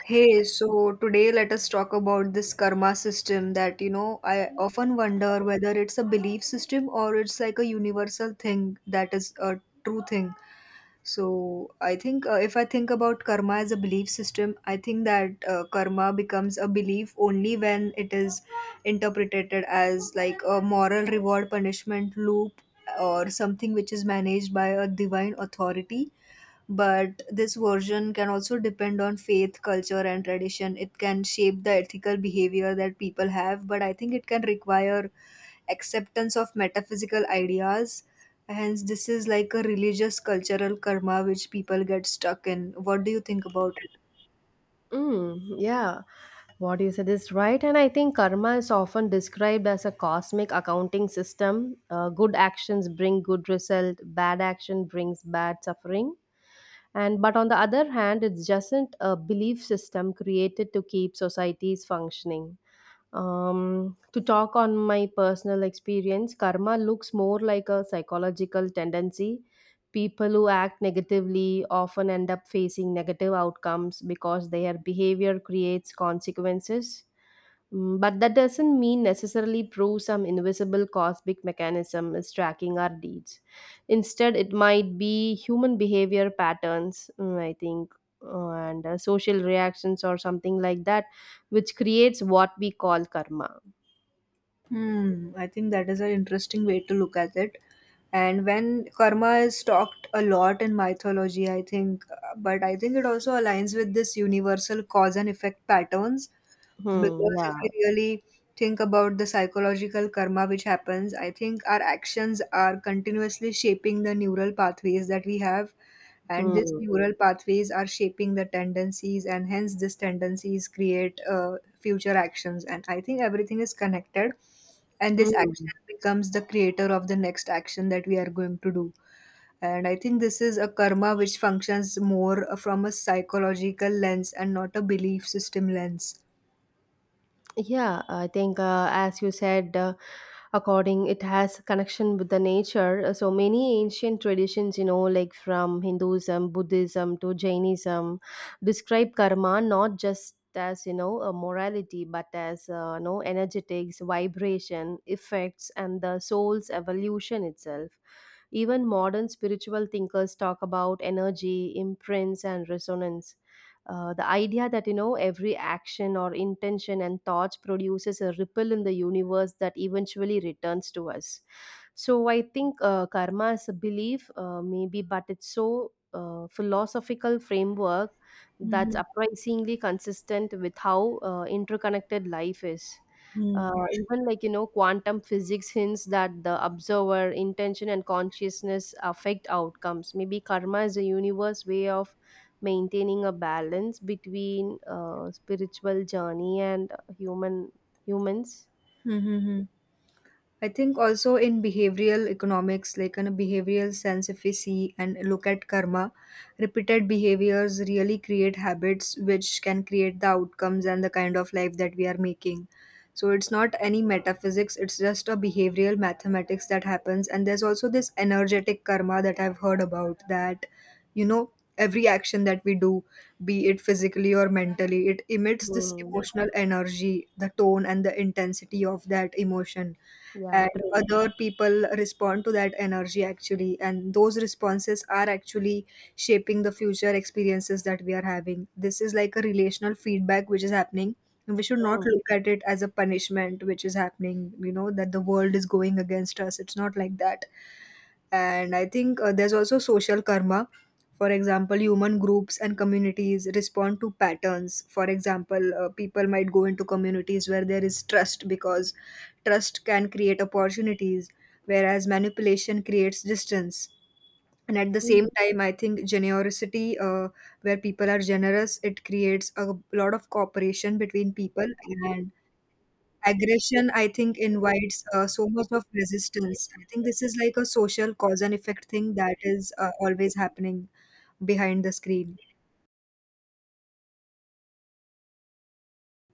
Hey, so today let us talk about this karma system that I often wonder whether it's a belief system or it's like a universal thing that is a true thing. So I think if I think about karma as a belief system, I think that karma becomes a belief only when it is interpreted as like a moral reward punishment loop or something which is managed by a divine authority, but this version can also depend on faith, culture, and tradition. It can shape the ethical behavior that people have, but I think it can require acceptance of metaphysical ideas. Hence, this is like a religious cultural karma which people get stuck in. What do you think about it? Mm, yeah, what you said is right. And I think karma is often described as a cosmic accounting system. Good actions bring good result, bad action brings bad suffering. And but on the other hand, it's just a belief system created to keep societies functioning. To talk on my personal experience, karma looks more like a psychological tendency. People who act negatively often end up facing negative outcomes because their behavior creates consequences. But that doesn't mean necessarily prove some invisible cosmic mechanism is tracking our deeds. Instead, it might be human behavior patterns, I think, and social reactions or something like that, which creates what we call karma. Hmm, I think that is an interesting way to look at it. And when karma is talked a lot in mythology, I think, but I think it also aligns with this universal cause and effect patterns. Hmm, Because if we yeah. really think about the psychological karma which happens, I think our actions are continuously shaping the neural pathways that we have. And these Hmm. neural pathways are shaping the tendencies, and hence these tendencies create future actions. And I think everything is connected, and this action Mm. becomes the creator of the next action that we are going to do. And I think this is a karma which functions more from a psychological lens and not a belief system lens. Yeah, I think as you said, according it has connection with the nature. So many ancient traditions, you know, like from Hinduism, Buddhism to Jainism, describe karma not just as, you know, a morality, but as, you know, energetics vibration effects and the soul's evolution itself. Even modern spiritual thinkers talk about energy, imprints, and resonance. The idea that, you know, every action or intention and thoughts produces a ripple in the universe that eventually returns to us. So I think karma is a belief, maybe, but it's so philosophical framework that's Mhm. surprisingly consistent with how interconnected life is. 嗯，Even like, you know, quantum physics hints that the observer intention and consciousness affect outcomes. Maybe karma is a universe way of maintaining a balance between spiritual journey and human humans. 嗯嗯嗯。I think also in behavioral economics, like in a behavioral sense, if we see and look at karma, repeated behaviors really create habits which can create the outcomes and the kind of life that we are making. So it's not any metaphysics, it's just a behavioral mathematics that happens. And there's also this energetic karma that I've heard about, that, you know, every action that we do, be it physically or mentally, it emits this Hmm, emotional energy, the tone and the intensity of that emotion, yeah, and true. other people respond to that energy actually, and those responses are actually shaping the future experiences that we are having. This is like a relational feedback which is happening, and we should not Hmm. look at it as a punishment which is happening, you know, that the world is going against us. It's not like that. And I think there's also social karma. For example, human groups and communities respond to patterns. For example, people might go into communities where there is trust because trust can create opportunities, whereas manipulation creates distance. And at the Hmm. same time, I think generosity, where people are generous, it creates a lot of cooperation between people, and aggression, I think, invites so much of resistance. I think this is like a social cause and effect thing that is always happening behind the screen.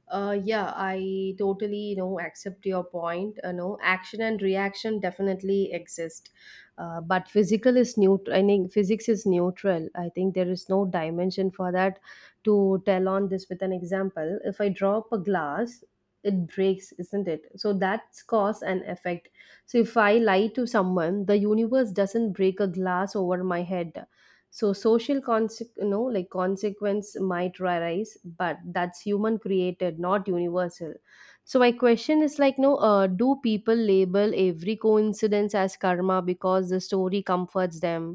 Yeah, I totally, you know, accept your point. You know, action and reaction definitely exist, but physical is neutral. I think physics is neutral. I think there is no dimension for that. To tell on this with an example, if I drop a glass, it breaks, isn't it? So that's cause and effect. So if I lie to someone, the universe doesn't break a glass over my head. So social conse- you know, like, consequence might arise, but that's human created, not universal. So my question is like, no, do people label every coincidence as karma because the story comforts them?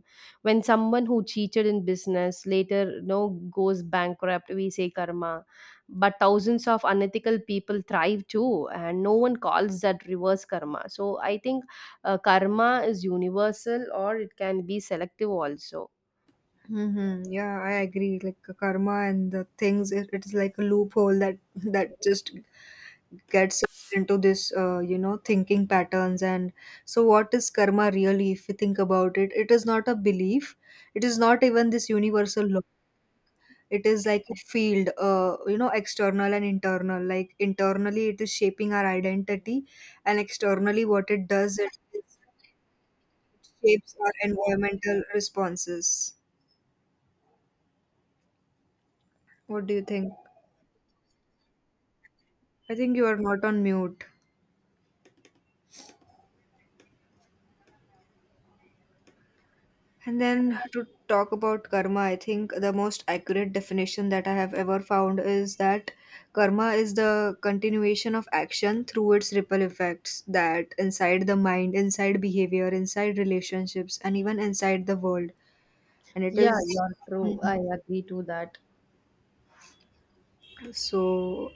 When someone who cheated in business later, you know, goes bankrupt, we say karma, but thousands of unethical people thrive too, and no one calls that reverse karma. So I think karma is universal, or it can be selective also. Mm-hmm. Yeah, I agree. Like karma and the things, it is like a loophole that just gets us into this thinking patterns. And so what is karma really? If you think about it, it is not a belief, it is not even this universal law. It is like a field, external and internal. Like, internally, it is shaping our identity, and externally, what it does, it is shapes our environmental responses. What do you think? I think you are not on mute. And then to talk about karma, I think the most accurate definition that I have ever found is that karma is the continuation of action through its ripple effects, that inside the mind, inside behavior, inside relationships, and even inside the world. And it Yeah, is you're true. Mhm. I agree to that. So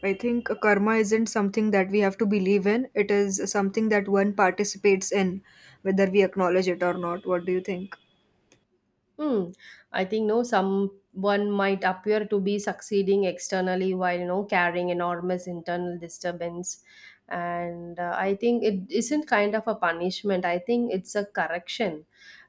I think karma isn't something that we have to believe in. It is something that one participates in whether we acknowledge it or not. What do you think? Hmm. I think no, someone might appear to be succeeding externally while no carrying enormous internal disturbance, and I think it isn't kind of a punishment. I think it's a correction.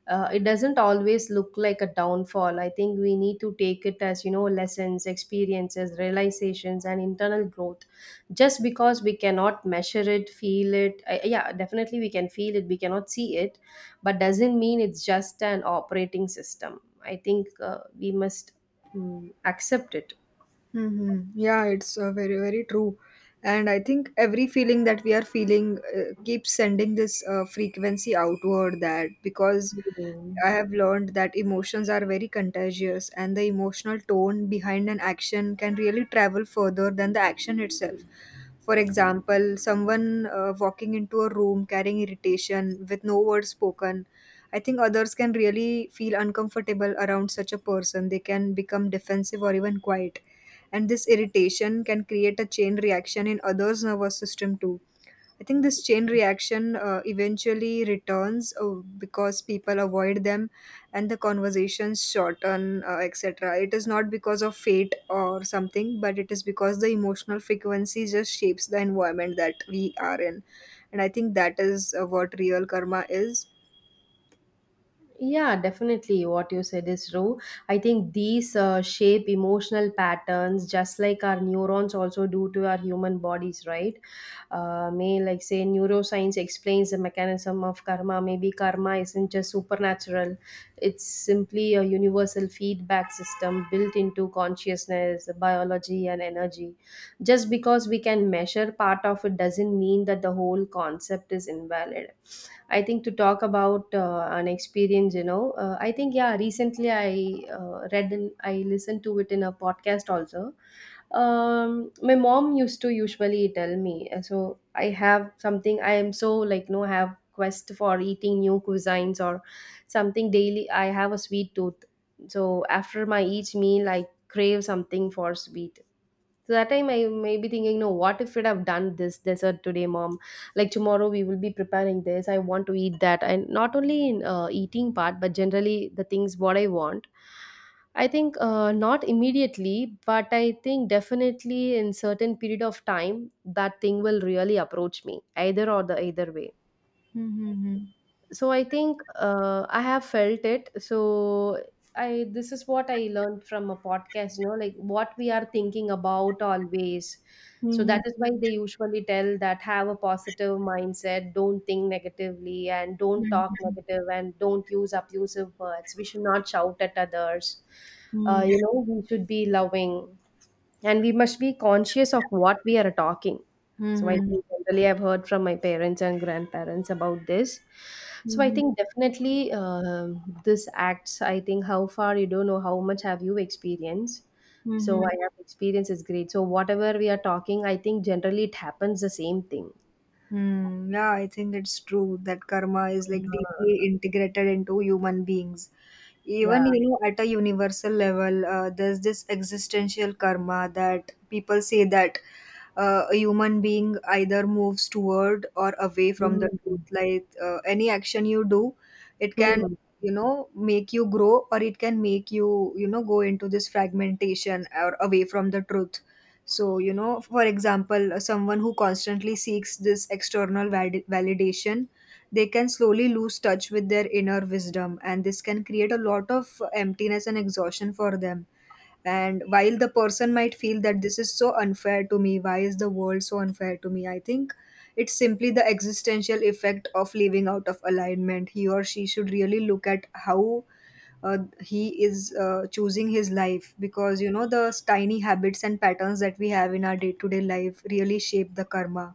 It doesn't always look like a downfall. I think we need to take it as, you know, lessons, experiences, realizations, and internal growth. Just because we cannot measure it, feel it, I, yeah, definitely we can feel it. We cannot see it, but doesn't mean it's just an operating system. I think we must, mm, accept it. Hmm. Yeah, it's very, very true. And I think every feeling that we are feeling keeps sending this frequency outward, that because Mm. I have learned that emotions are very contagious, and the emotional tone behind an action can really travel further than the action itself. For example, someone walking into a room carrying irritation with no words spoken, I think others can really feel uncomfortable around such a person. They can become defensive or even quiet, and this irritation can create a chain reaction in others nervous system too. I think this chain reaction eventually returns, because people avoid them and the conversations shorten, etc. It is not because of fate or something, but it is because the emotional frequency just shapes the environment that we are in. And I think that is what real karma is. Yeah, definitely. What you said is true. I think these shape emotional patterns just like our neurons also do to our human bodies, right? May like say neuroscience explains the mechanism of karma. Maybe karma isn't just supernatural, it's simply a universal feedback system built into consciousness, biology, and energy. Just because we can measure part of it doesn't mean that the whole concept is invalid. I think to talk about an experience, you know, I think yeah, recently I read and I listened to it in a podcast also. My mom used to usually tell me, so I have something. I am so like no have quest for eating new cuisines or something daily. I have a sweet tooth, so after my each meal, I crave something for sweet. So that time I may be thinking, no, what if we'd have done this dessert today, mom? Like tomorrow we will be preparing this. I want to eat that. And not only in eating part, but generally the things what I want. I think not immediately, but I think definitely in certain period of time that thing will really approach me either or the either way. Mhm. So I think I have felt it. So I this is what I learned from a podcast, you know, like what we are thinking about always. So Mhm. that is why they usually tell that have a positive mindset, don't think negatively, and don't talk Mhm. negative, and don't use abusive words. We should not shout at others. Mhm. You know, we should be loving, and we must be conscious of what we are talking. Mhm. So I Mhm. think generally I've heard from my parents and grandparents about this. So I Mhm. think definitely, um, this acts, I think how far you don't know how much have you experienced. So Mhm. I have experience is great. So whatever we are talking, I think generally it happens the same thing. Hmm. Yeah, I think it's true that karma is like deeply Yeah, integrated into human beings. yeah. Even, you know, at a universal level, there's this existential karma that people say that a human being either moves toward or away from the truth. Mm. Like, any action you do, it can, Mm. you know, make you grow, or it can make you, you know, go into this fragmentation or away from the truth. So, you know, for example, someone who constantly seeks this external validation, they can slowly lose touch with their inner wisdom, and this can create a lot of emptiness and exhaustion for them. And while the person might feel that this is so unfair to me, why is the world so unfair to me, I think it's simply the existential effect of living out of alignment. He or she should really look at how he is choosing his life, because you know the tiny habits and patterns that we have in our day-to-day life really shape the karma.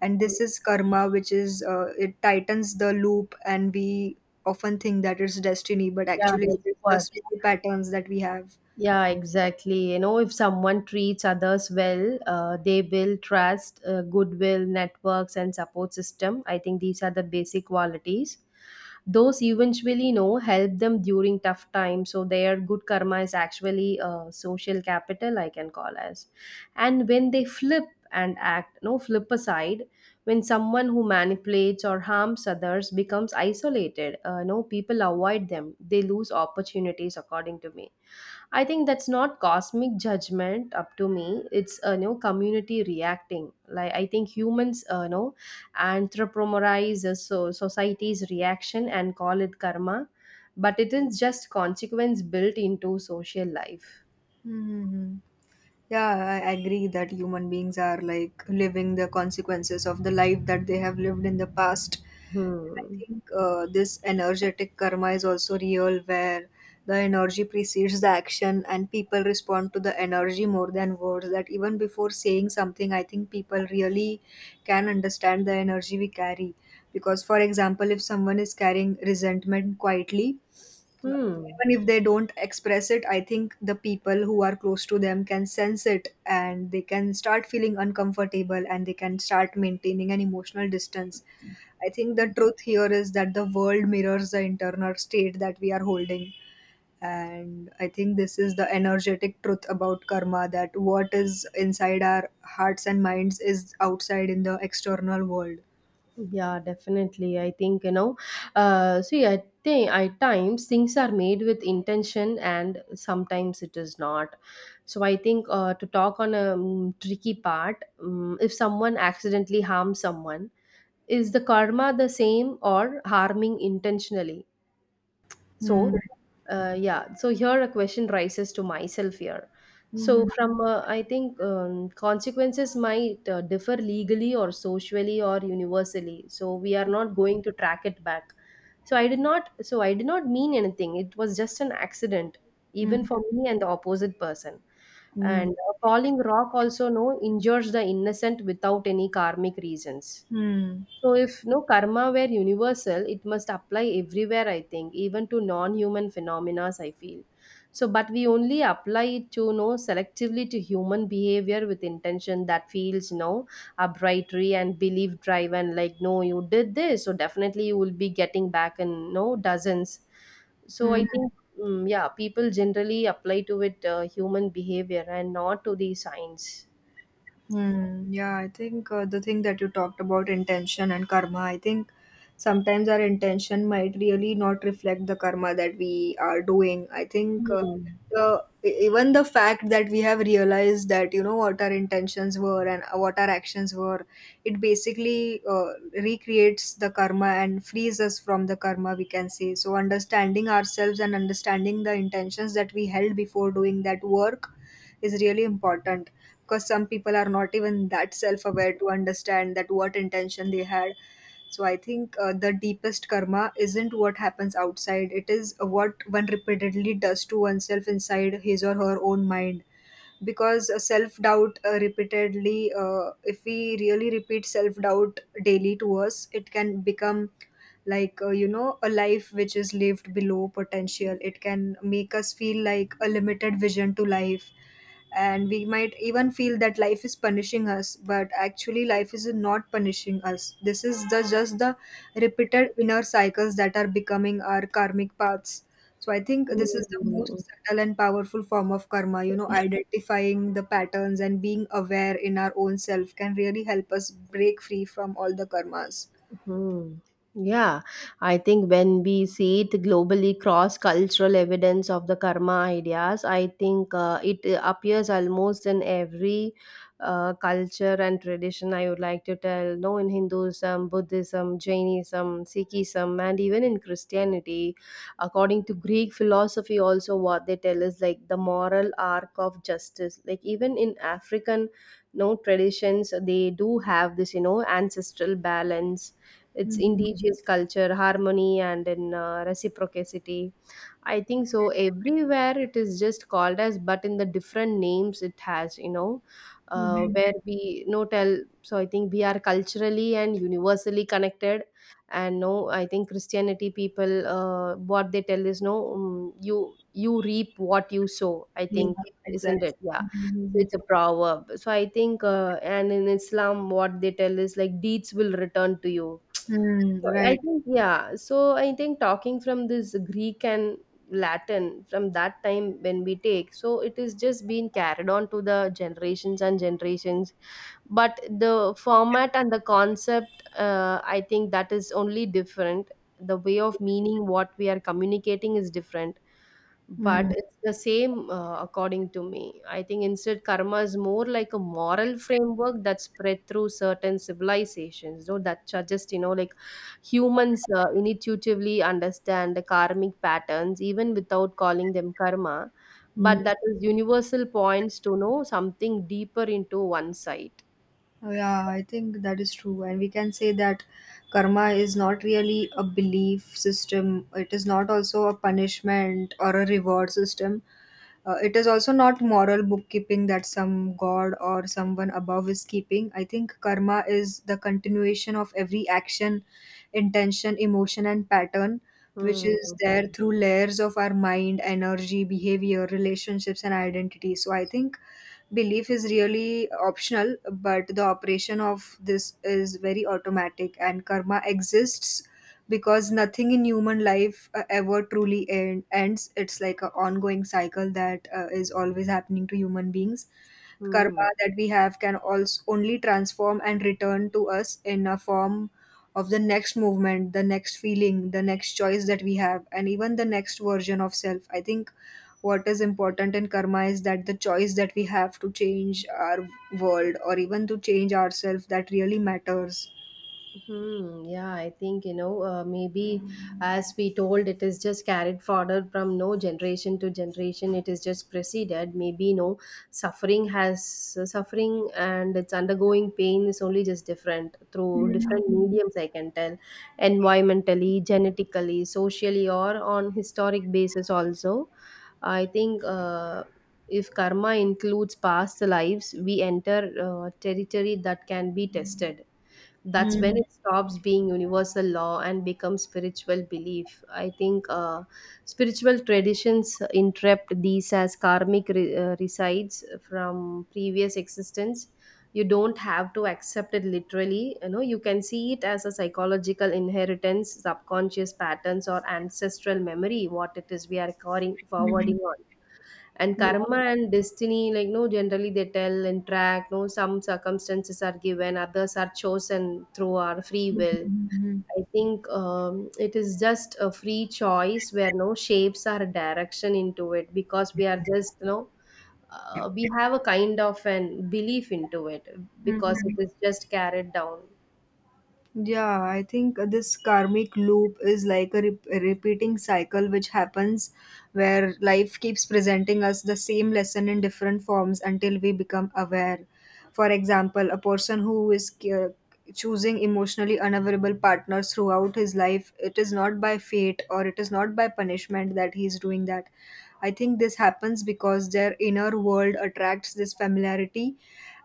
And Mm. this is karma which is, it tightens the loop, and we often think that it's destiny, but Yeah, actually it that's is the what. slow patterns that we have. Yeah, exactly. You know, if someone treats others well, they build trust, goodwill, networks, and support system. I think these are the basic qualities. Those eventually, you know, help them during tough times. So their good karma is actually social capital, I can call as. And when they flip and act, no flip aside, when someone who manipulates or harms others becomes isolated, no people avoid them. They lose opportunities, according to me. I think that's not cosmic judgment up to me. It's a, you know, community reacting. Like, I think humans, you know, anthropomorphize so society's reaction and call it karma, but it is just consequence built into social life. Hmm. Yeah, I agree that human beings are like living the consequences of the life that they have lived in the past. I Hmm. think this energetic karma is also real, where the energy precedes the action and people respond to the energy more than words. That even before saying something, I think people really can understand the energy we carry. Because, for example, if someone is carrying resentment quietly, Hmm. even if they don't express it, I think the people who are close to them can sense it, and they can start feeling uncomfortable and they can start maintaining an emotional distance. I think the truth here is that the world mirrors the internal state that we are holding. And I think this is the energetic truth about karma, that what is inside our hearts and minds is outside in the external world. Yeah, definitely. I think, you know, see, I think at times things are made with intention and sometimes it is not. So I think to talk on a, tricky part, if someone accidentally harms someone, is the karma the same or harming intentionally? So Hmm. Yeah, so here a question rises to myself here. Hmm. So from I think, consequences might differ legally or socially or universally, so we are not going to track it back. So I did not mean anything. It was just an accident, even Hmm. for me and the opposite person. Hmm. And a falling rock also no injures the innocent without any karmic reasons. Hmm. So if no karma were universal, it must apply everywhere, I think, even to non-human phenomena, I feel. So but we only apply it to no selectively to human behavior with intention that feels no arbitrary and belief driven, like no, you did this, so definitely you will be getting back in no dozens. So I Hmm. think, mm, yeah, people generally apply to it human behavior and not to the science. Hmm. Yeah, I think the thing that you talked about intention and karma, I think sometimes our intention might really not reflect the karma that we are doing. I think Hmm. the even the fact that we have realized that you know what our intentions were and what our actions were, it basically recreates the karma and frees us from the karma. We can say so. Understanding ourselves and understanding the intentions that we held before doing that work is really important, because some people are not even that self aware to understand that what intention they had. So I think the deepest karma isn't what happens outside. It is what one repeatedly does to oneself inside his or her own mind. Because self doubt, repeatedly, if we really repeat self doubt daily to us, it can become like, a life which is lived below potential. It can make us feel like a limited vision to life, and we might even feel that life is punishing us, but actually life is not punishing us. This is the just the repeated inner cycles that are becoming our karmic paths. So I think this is the Hmm. most subtle and powerful form of karma. You know, identifying the patterns and being aware in our own self can really help us break free from all the karmas. Hmm. Yeah, I think when we see it globally cross cultural evidence of the karma ideas, I think it appears almost in every culture and tradition. I would like to tell, no, in Hinduism, Buddhism, Jainism, Sikhism, and even in Christianity, according to Greek philosophy, also what they tell is like the moral arc of justice. Like even in African, no traditions, they do have this, you know, ancestral balance, its Mhm. indigenous culture, harmony, and in reciprocity. I think so. Everywhere it is just called as, but in the different names it has, you know, Mhm. where we no tell. So I think we are culturally and universally connected. And no, I think Christianity people, what they tell is no, you reap what you sow. I Yeah, think, isn't exactly. it? Yeah. So Mhm. it's a proverb. So I think, and in Islam, what they tell is like deeds will return to you. Hmm, So I right. think yeah. So I think talking from this Greek and Latin from that time when we take, so it is just being carried on to the generations and generations. But the format and the concept, I think that is only different. The way of meaning what we are communicating is different, Hmm. but it's the same according to me. I think instead karma is more like a moral framework that spread through certain civilizations, though that suggest, you know, like humans intuitively understand the karmic patterns even without calling them karma, Hmm. but that is universal points to know something deeper into one side. Oh, yeah, I think that is true. And we can say that karma is not really a belief system, it is not also a punishment or a reward system. It is also not moral bookkeeping that some god or someone above is keeping. I think karma is the continuation of every action, intention, emotion, and pattern, which Hmm. is there through layers of our mind, energy, behavior, relationships, and identity. So I think belief is really optional, but the operation of this is very automatic, and karma exists because nothing in human life ever truly ends. It's like an ongoing cycle that is always happening to human beings. Hmm. Karma that we have can also only transform and return to us in a form of the next movement, the next feeling, the next choice that we have, and even the next version of self. I think what is important in karma is that the choice that we have to change our world or even to change ourselves, that really matters. Hmm, yeah, I think, you know, maybe as we told, it is just carried forward from no generation to generation, it is just preceded. Maybe no suffering has suffering and it's undergoing pain is only just different through different Hmm. mediums, I can tell, environmentally, genetically, socially, or on historic basis. Also, I think if karma includes past lives, we enter territory that can be tested. That's when Hmm. it stops being universal law and becomes spiritual belief. I think spiritual traditions interpret these as resides from previous existence. You don't have to accept it literally, you know, you can see it as a psychological inheritance, subconscious patterns or ancestral memory, what it is we are carrying forwarding Hmm. on. And Hmm. karma and destiny, like no, generally they tell and track no, some circumstances are given, others are chosen through our free Hmm. will. Hmm. I think it is just a free choice where no shapes or direction into it, because we are just, you know, we have a kind of an belief into it Hmm. because Hmm. it is just carried down. Yeah, I think this karmic loop is like a repeating cycle which happens, where life keeps presenting us the same lesson in different forms until we become aware. For example, a person who is choosing emotionally unavailable partners throughout his life, it is not by fate or it is not by punishment that he is doing that. I think this happens because their inner world attracts this familiarity,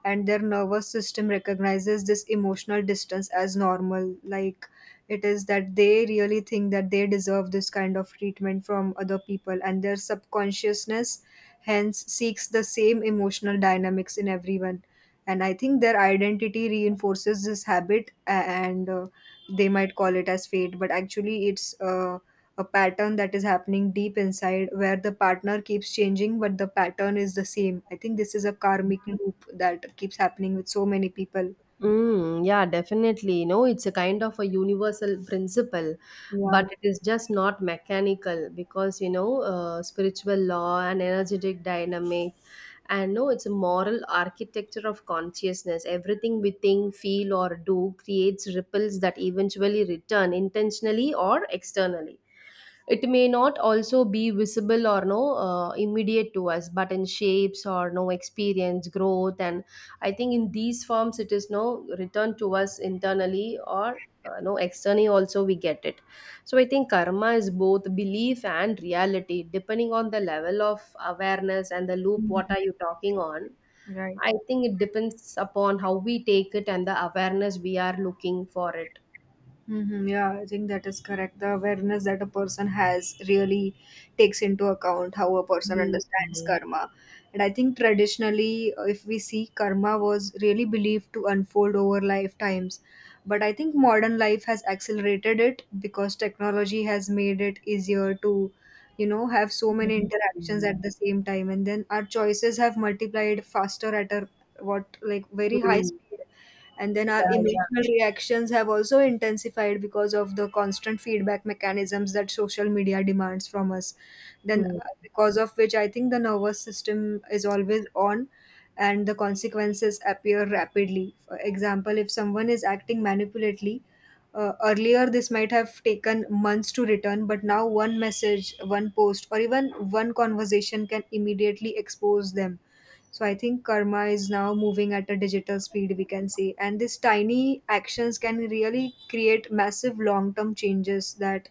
and their nervous system recognizes this emotional distance as normal. Like, it is that they really think that they deserve this kind of treatment from other people, and their subconsciousness hence seeks the same emotional dynamics in everyone. And I think their identity reinforces this habit, and they might call it as fate, but actually it's a pattern that is happening deep inside, where the partner keeps changing but the pattern is the same. I think this is a karmic loop that keeps happening with so many people. Mm, yeah, definitely. You know, it's a kind of a universal principle, Yeah. but it is just not mechanical because, you know, spiritual law and energetic dynamic, and no, it's a moral architecture of consciousness. Everything we think, feel, or do creates ripples that eventually return intentionally or externally. It may not also be visible or no immediate to us, but in shapes or no experience, growth, and I think in these forms it is no returned to us internally or no externally also we get it. So I think karma is both belief and reality, depending on the level of awareness and the loop. What Mhm. are you talking on? Right. I think it depends upon how we take it and the awareness we are looking for it. Mm-hmm, yeah, I think that is correct. The awareness that a person has really takes into account how a person understands Mm. karma. And I think traditionally, if we see, karma was really believed to unfold over lifetimes. But I think modern life has accelerated it because technology has made it easier to, you know, have so many interactions at the same time. And then our choices have multiplied faster at a what, like, very high Mm. speed, and then 一 our 样一样，emotional reactions have also intensified because of the constant feedback mechanisms that social media demands from us. Then 嗯。Because of which I think the nervous system is always on, and the consequences appear rapidly. For example, if someone is acting manipulatively, earlier this might have taken months to return, but now one message, one post, or even one conversation can immediately expose them. So I think karma is now moving at a digital speed, we can say. And these tiny actions can really create massive long term changes that,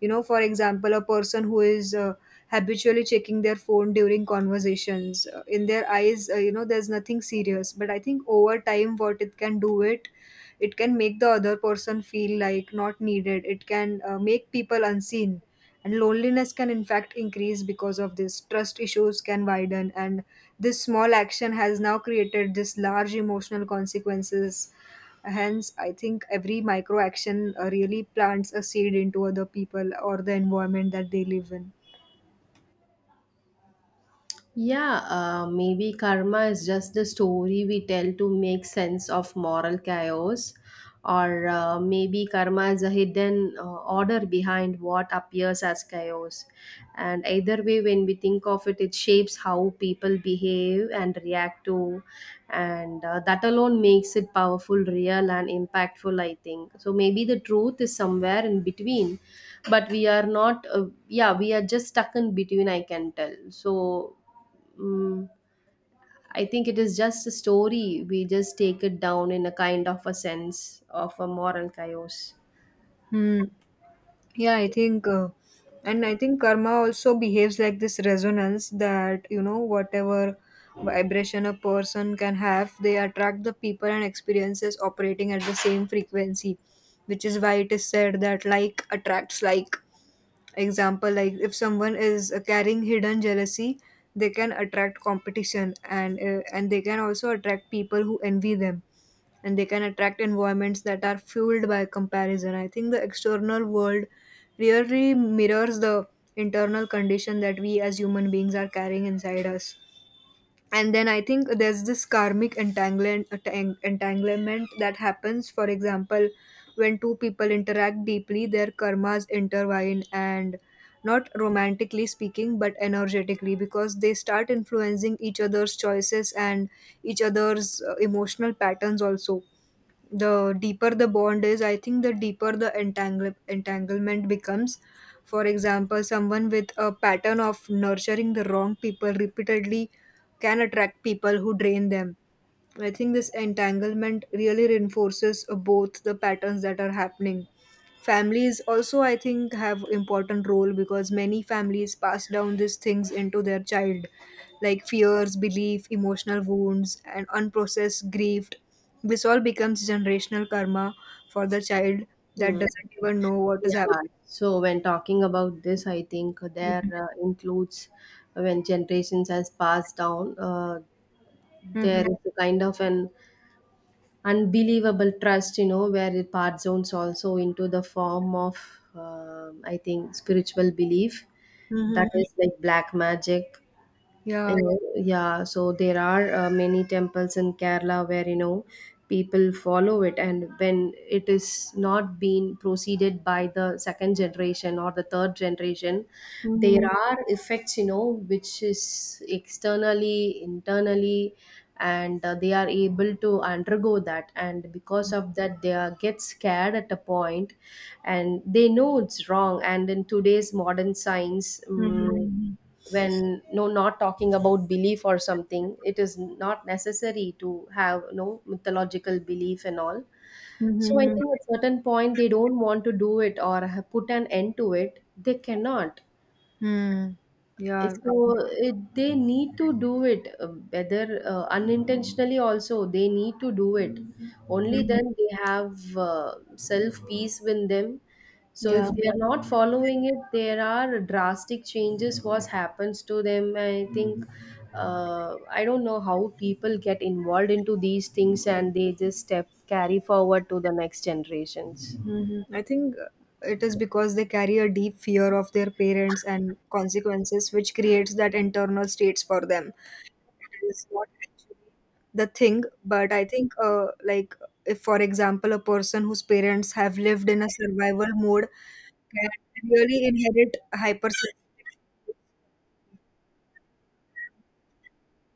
you know, for example, a person who is habitually checking their phone during conversations, in their eyes, you know, there's nothing serious. But I think over time, what it can do it, it can make the other person feel like not needed. It can make people unseen, and loneliness can in fact increase because of this. Trust issues can widen, and this small action has now created this large emotional consequences. Hence I think every micro action really plants a seed into other people or the environment that they live in. Yeah, maybe karma is just the story we tell to make sense of moral chaos, or maybe karma is a hidden order behind what appears as chaos. And either way, when we think of it, it shapes how people behave and react to, and that alone makes it powerful, real, and impactful, I think. So maybe the truth is somewhere in between, but we are not, yeah, we are just stuck in between, I can tell. So mm, I think it is just a story. We just take it down in a kind of a sense of a moral chaos. Hmm. Yeah, I think and I think karma also behaves like this resonance that, you know, whatever vibration a person can have, they attract the people and experiences operating at the same frequency, which is why it is said that like attracts like. Example, like if someone is carrying hidden jealousy, they can attract competition, and they can also attract people who envy them, and they can attract environments that are fueled by comparison. I think the external world really mirrors the internal condition that we as human beings are carrying inside us. And then I think there's this karmic entanglement that happens. For example, when two people interact deeply, their karmas intertwine, and not romantically speaking, but energetically, because they start influencing each other's choices and each other's emotional patterns also. The deeper the bond is, I think the deeper the entanglement becomes. For example, someone with a pattern of nurturing the wrong people repeatedly can attract people who drain them. I think this entanglement really reinforces both the patterns that are happening. Families also, I think, have important role, because many families pass down these things into their child, like fears, belief, emotional wounds, and unprocessed grief. This all becomes generational karma for the child that Hmm. doesn't even know what is happening. Yeah. So when talking about this, I think there includes when generations has passed down, there Mm-hmm. is a kind of an unbelievable trust, you know, where it part zones also into the form of, I think, spiritual belief Hmm. that is like black magic. You Yeah. know, yeah, so there are many temples in Kerala where, you know, people follow it, and when it is not being proceeded by the second generation or the third generation, there Mm-hmm. are effects, you know, which is externally internally, and they are able to undergo that, and because of that they are, get scared at a point, and they know it's wrong. And in today's modern science Hmm. when no not talking about belief or something, it is not necessary to have no mythological belief and all. So I Hmm. think at certain point they don't want to do it or put an end to it, they cannot. Hmm. Yeah, I think. So it, they need to do it, whether unintentionally also they need to do it. Only Mhm. then they have self peace within them. So if Yeah. they are not following it, there are drastic changes what happens to them. I think I don't know how people get involved into these things and they just step carry forward to the next generations. Mhm. I think it is because they carry a deep fear of their parents and consequences, which creates that internal states for them. It is not actually the thing, but I think, like, if for example, a person whose parents have lived in a survival mode can really inherit hypersensitivity.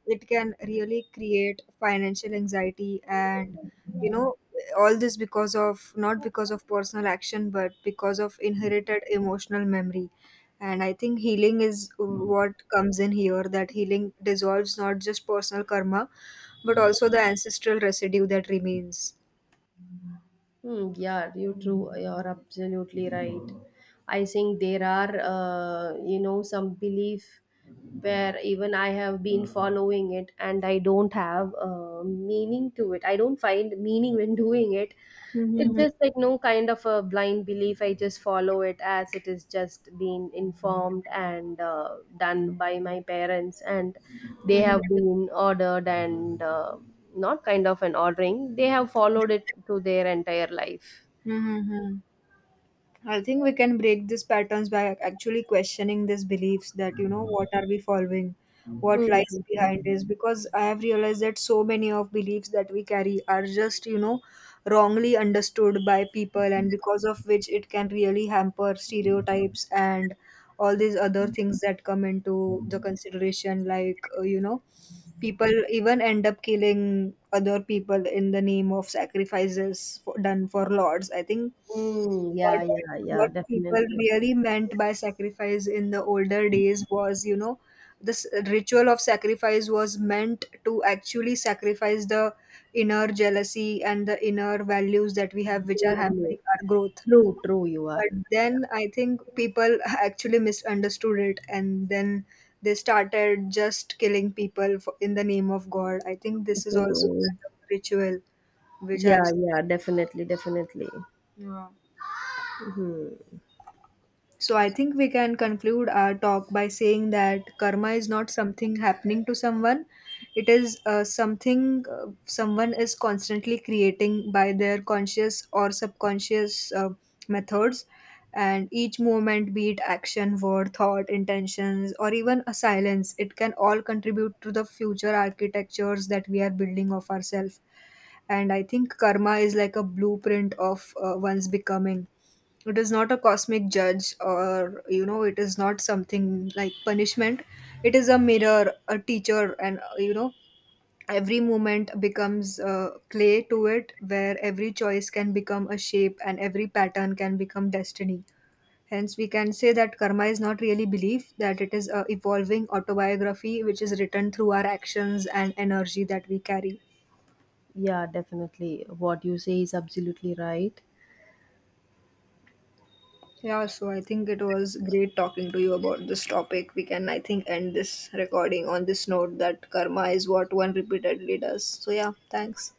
It can really create financial anxiety and, you know, all this because of, not because of personal action, but because of inherited emotional memory. And I think healing is what comes in here, that healing dissolves not just personal karma, but also the ancestral residue that remains. Hmm, yeah, you true. You're absolutely right. I think there are, you know, some belief where even I have been following it and I don't have meaning to it. I don't find meaning when doing it. It's Hmm. just like no kind of a blind belief. I just follow it as it is just being informed and done by my parents, and they Hmm. have been ordered and. Not kind of an ordering, they have followed it to their entire life. Hmm. I think we can break these patterns by actually questioning these beliefs, that, you know, what are we following? What lies Mm-hmm. behind this? Because I have realized that so many of beliefs that we carry are just, you know, wrongly understood by people, and because of which it can really hamper stereotypes and all these other things that come into the consideration, like, you know, people even end up killing other people in the name of sacrifices for, done for lords. I think Mm, what yeah, yeah, yeah, what people definitely. really meant by sacrifice in the older days was, you know, this ritual of sacrifice was meant to actually sacrifice the inner jealousy and the inner values that we have which are hampering Definitely. our growth. True, true, you are. But then I think people actually misunderstood it, and then they started just killing people for, in the name of god. I think this is also Mhm. kind of ritual which I've. Yeah, yeah, definitely, definitely. Yeah. Hmm. So I think we can conclude our talk by saying that karma is not something happening to someone. It is something someone is constantly creating by their conscious or subconscious methods. And each movement, be it action, word, thought, intentions, or even a silence, it can all contribute to the future architectures that we are building of ourselves. And I think karma is like a blueprint of one's becoming. It is not a cosmic judge, or you know, it is not something like punishment. It is a mirror, a teacher, and you know, every moment becomes clay to it, where every choice can become a shape and every pattern can become destiny. Hence we can say that karma is not really belief, that it is a evolving autobiography which is written through our actions and energy that we carry. Yeah, definitely. What you say is absolutely right. Yeah, so I think it was great talking to you about this topic. We can, I think, end this recording on this note that karma is what one repeatedly does. So, yeah, thanks.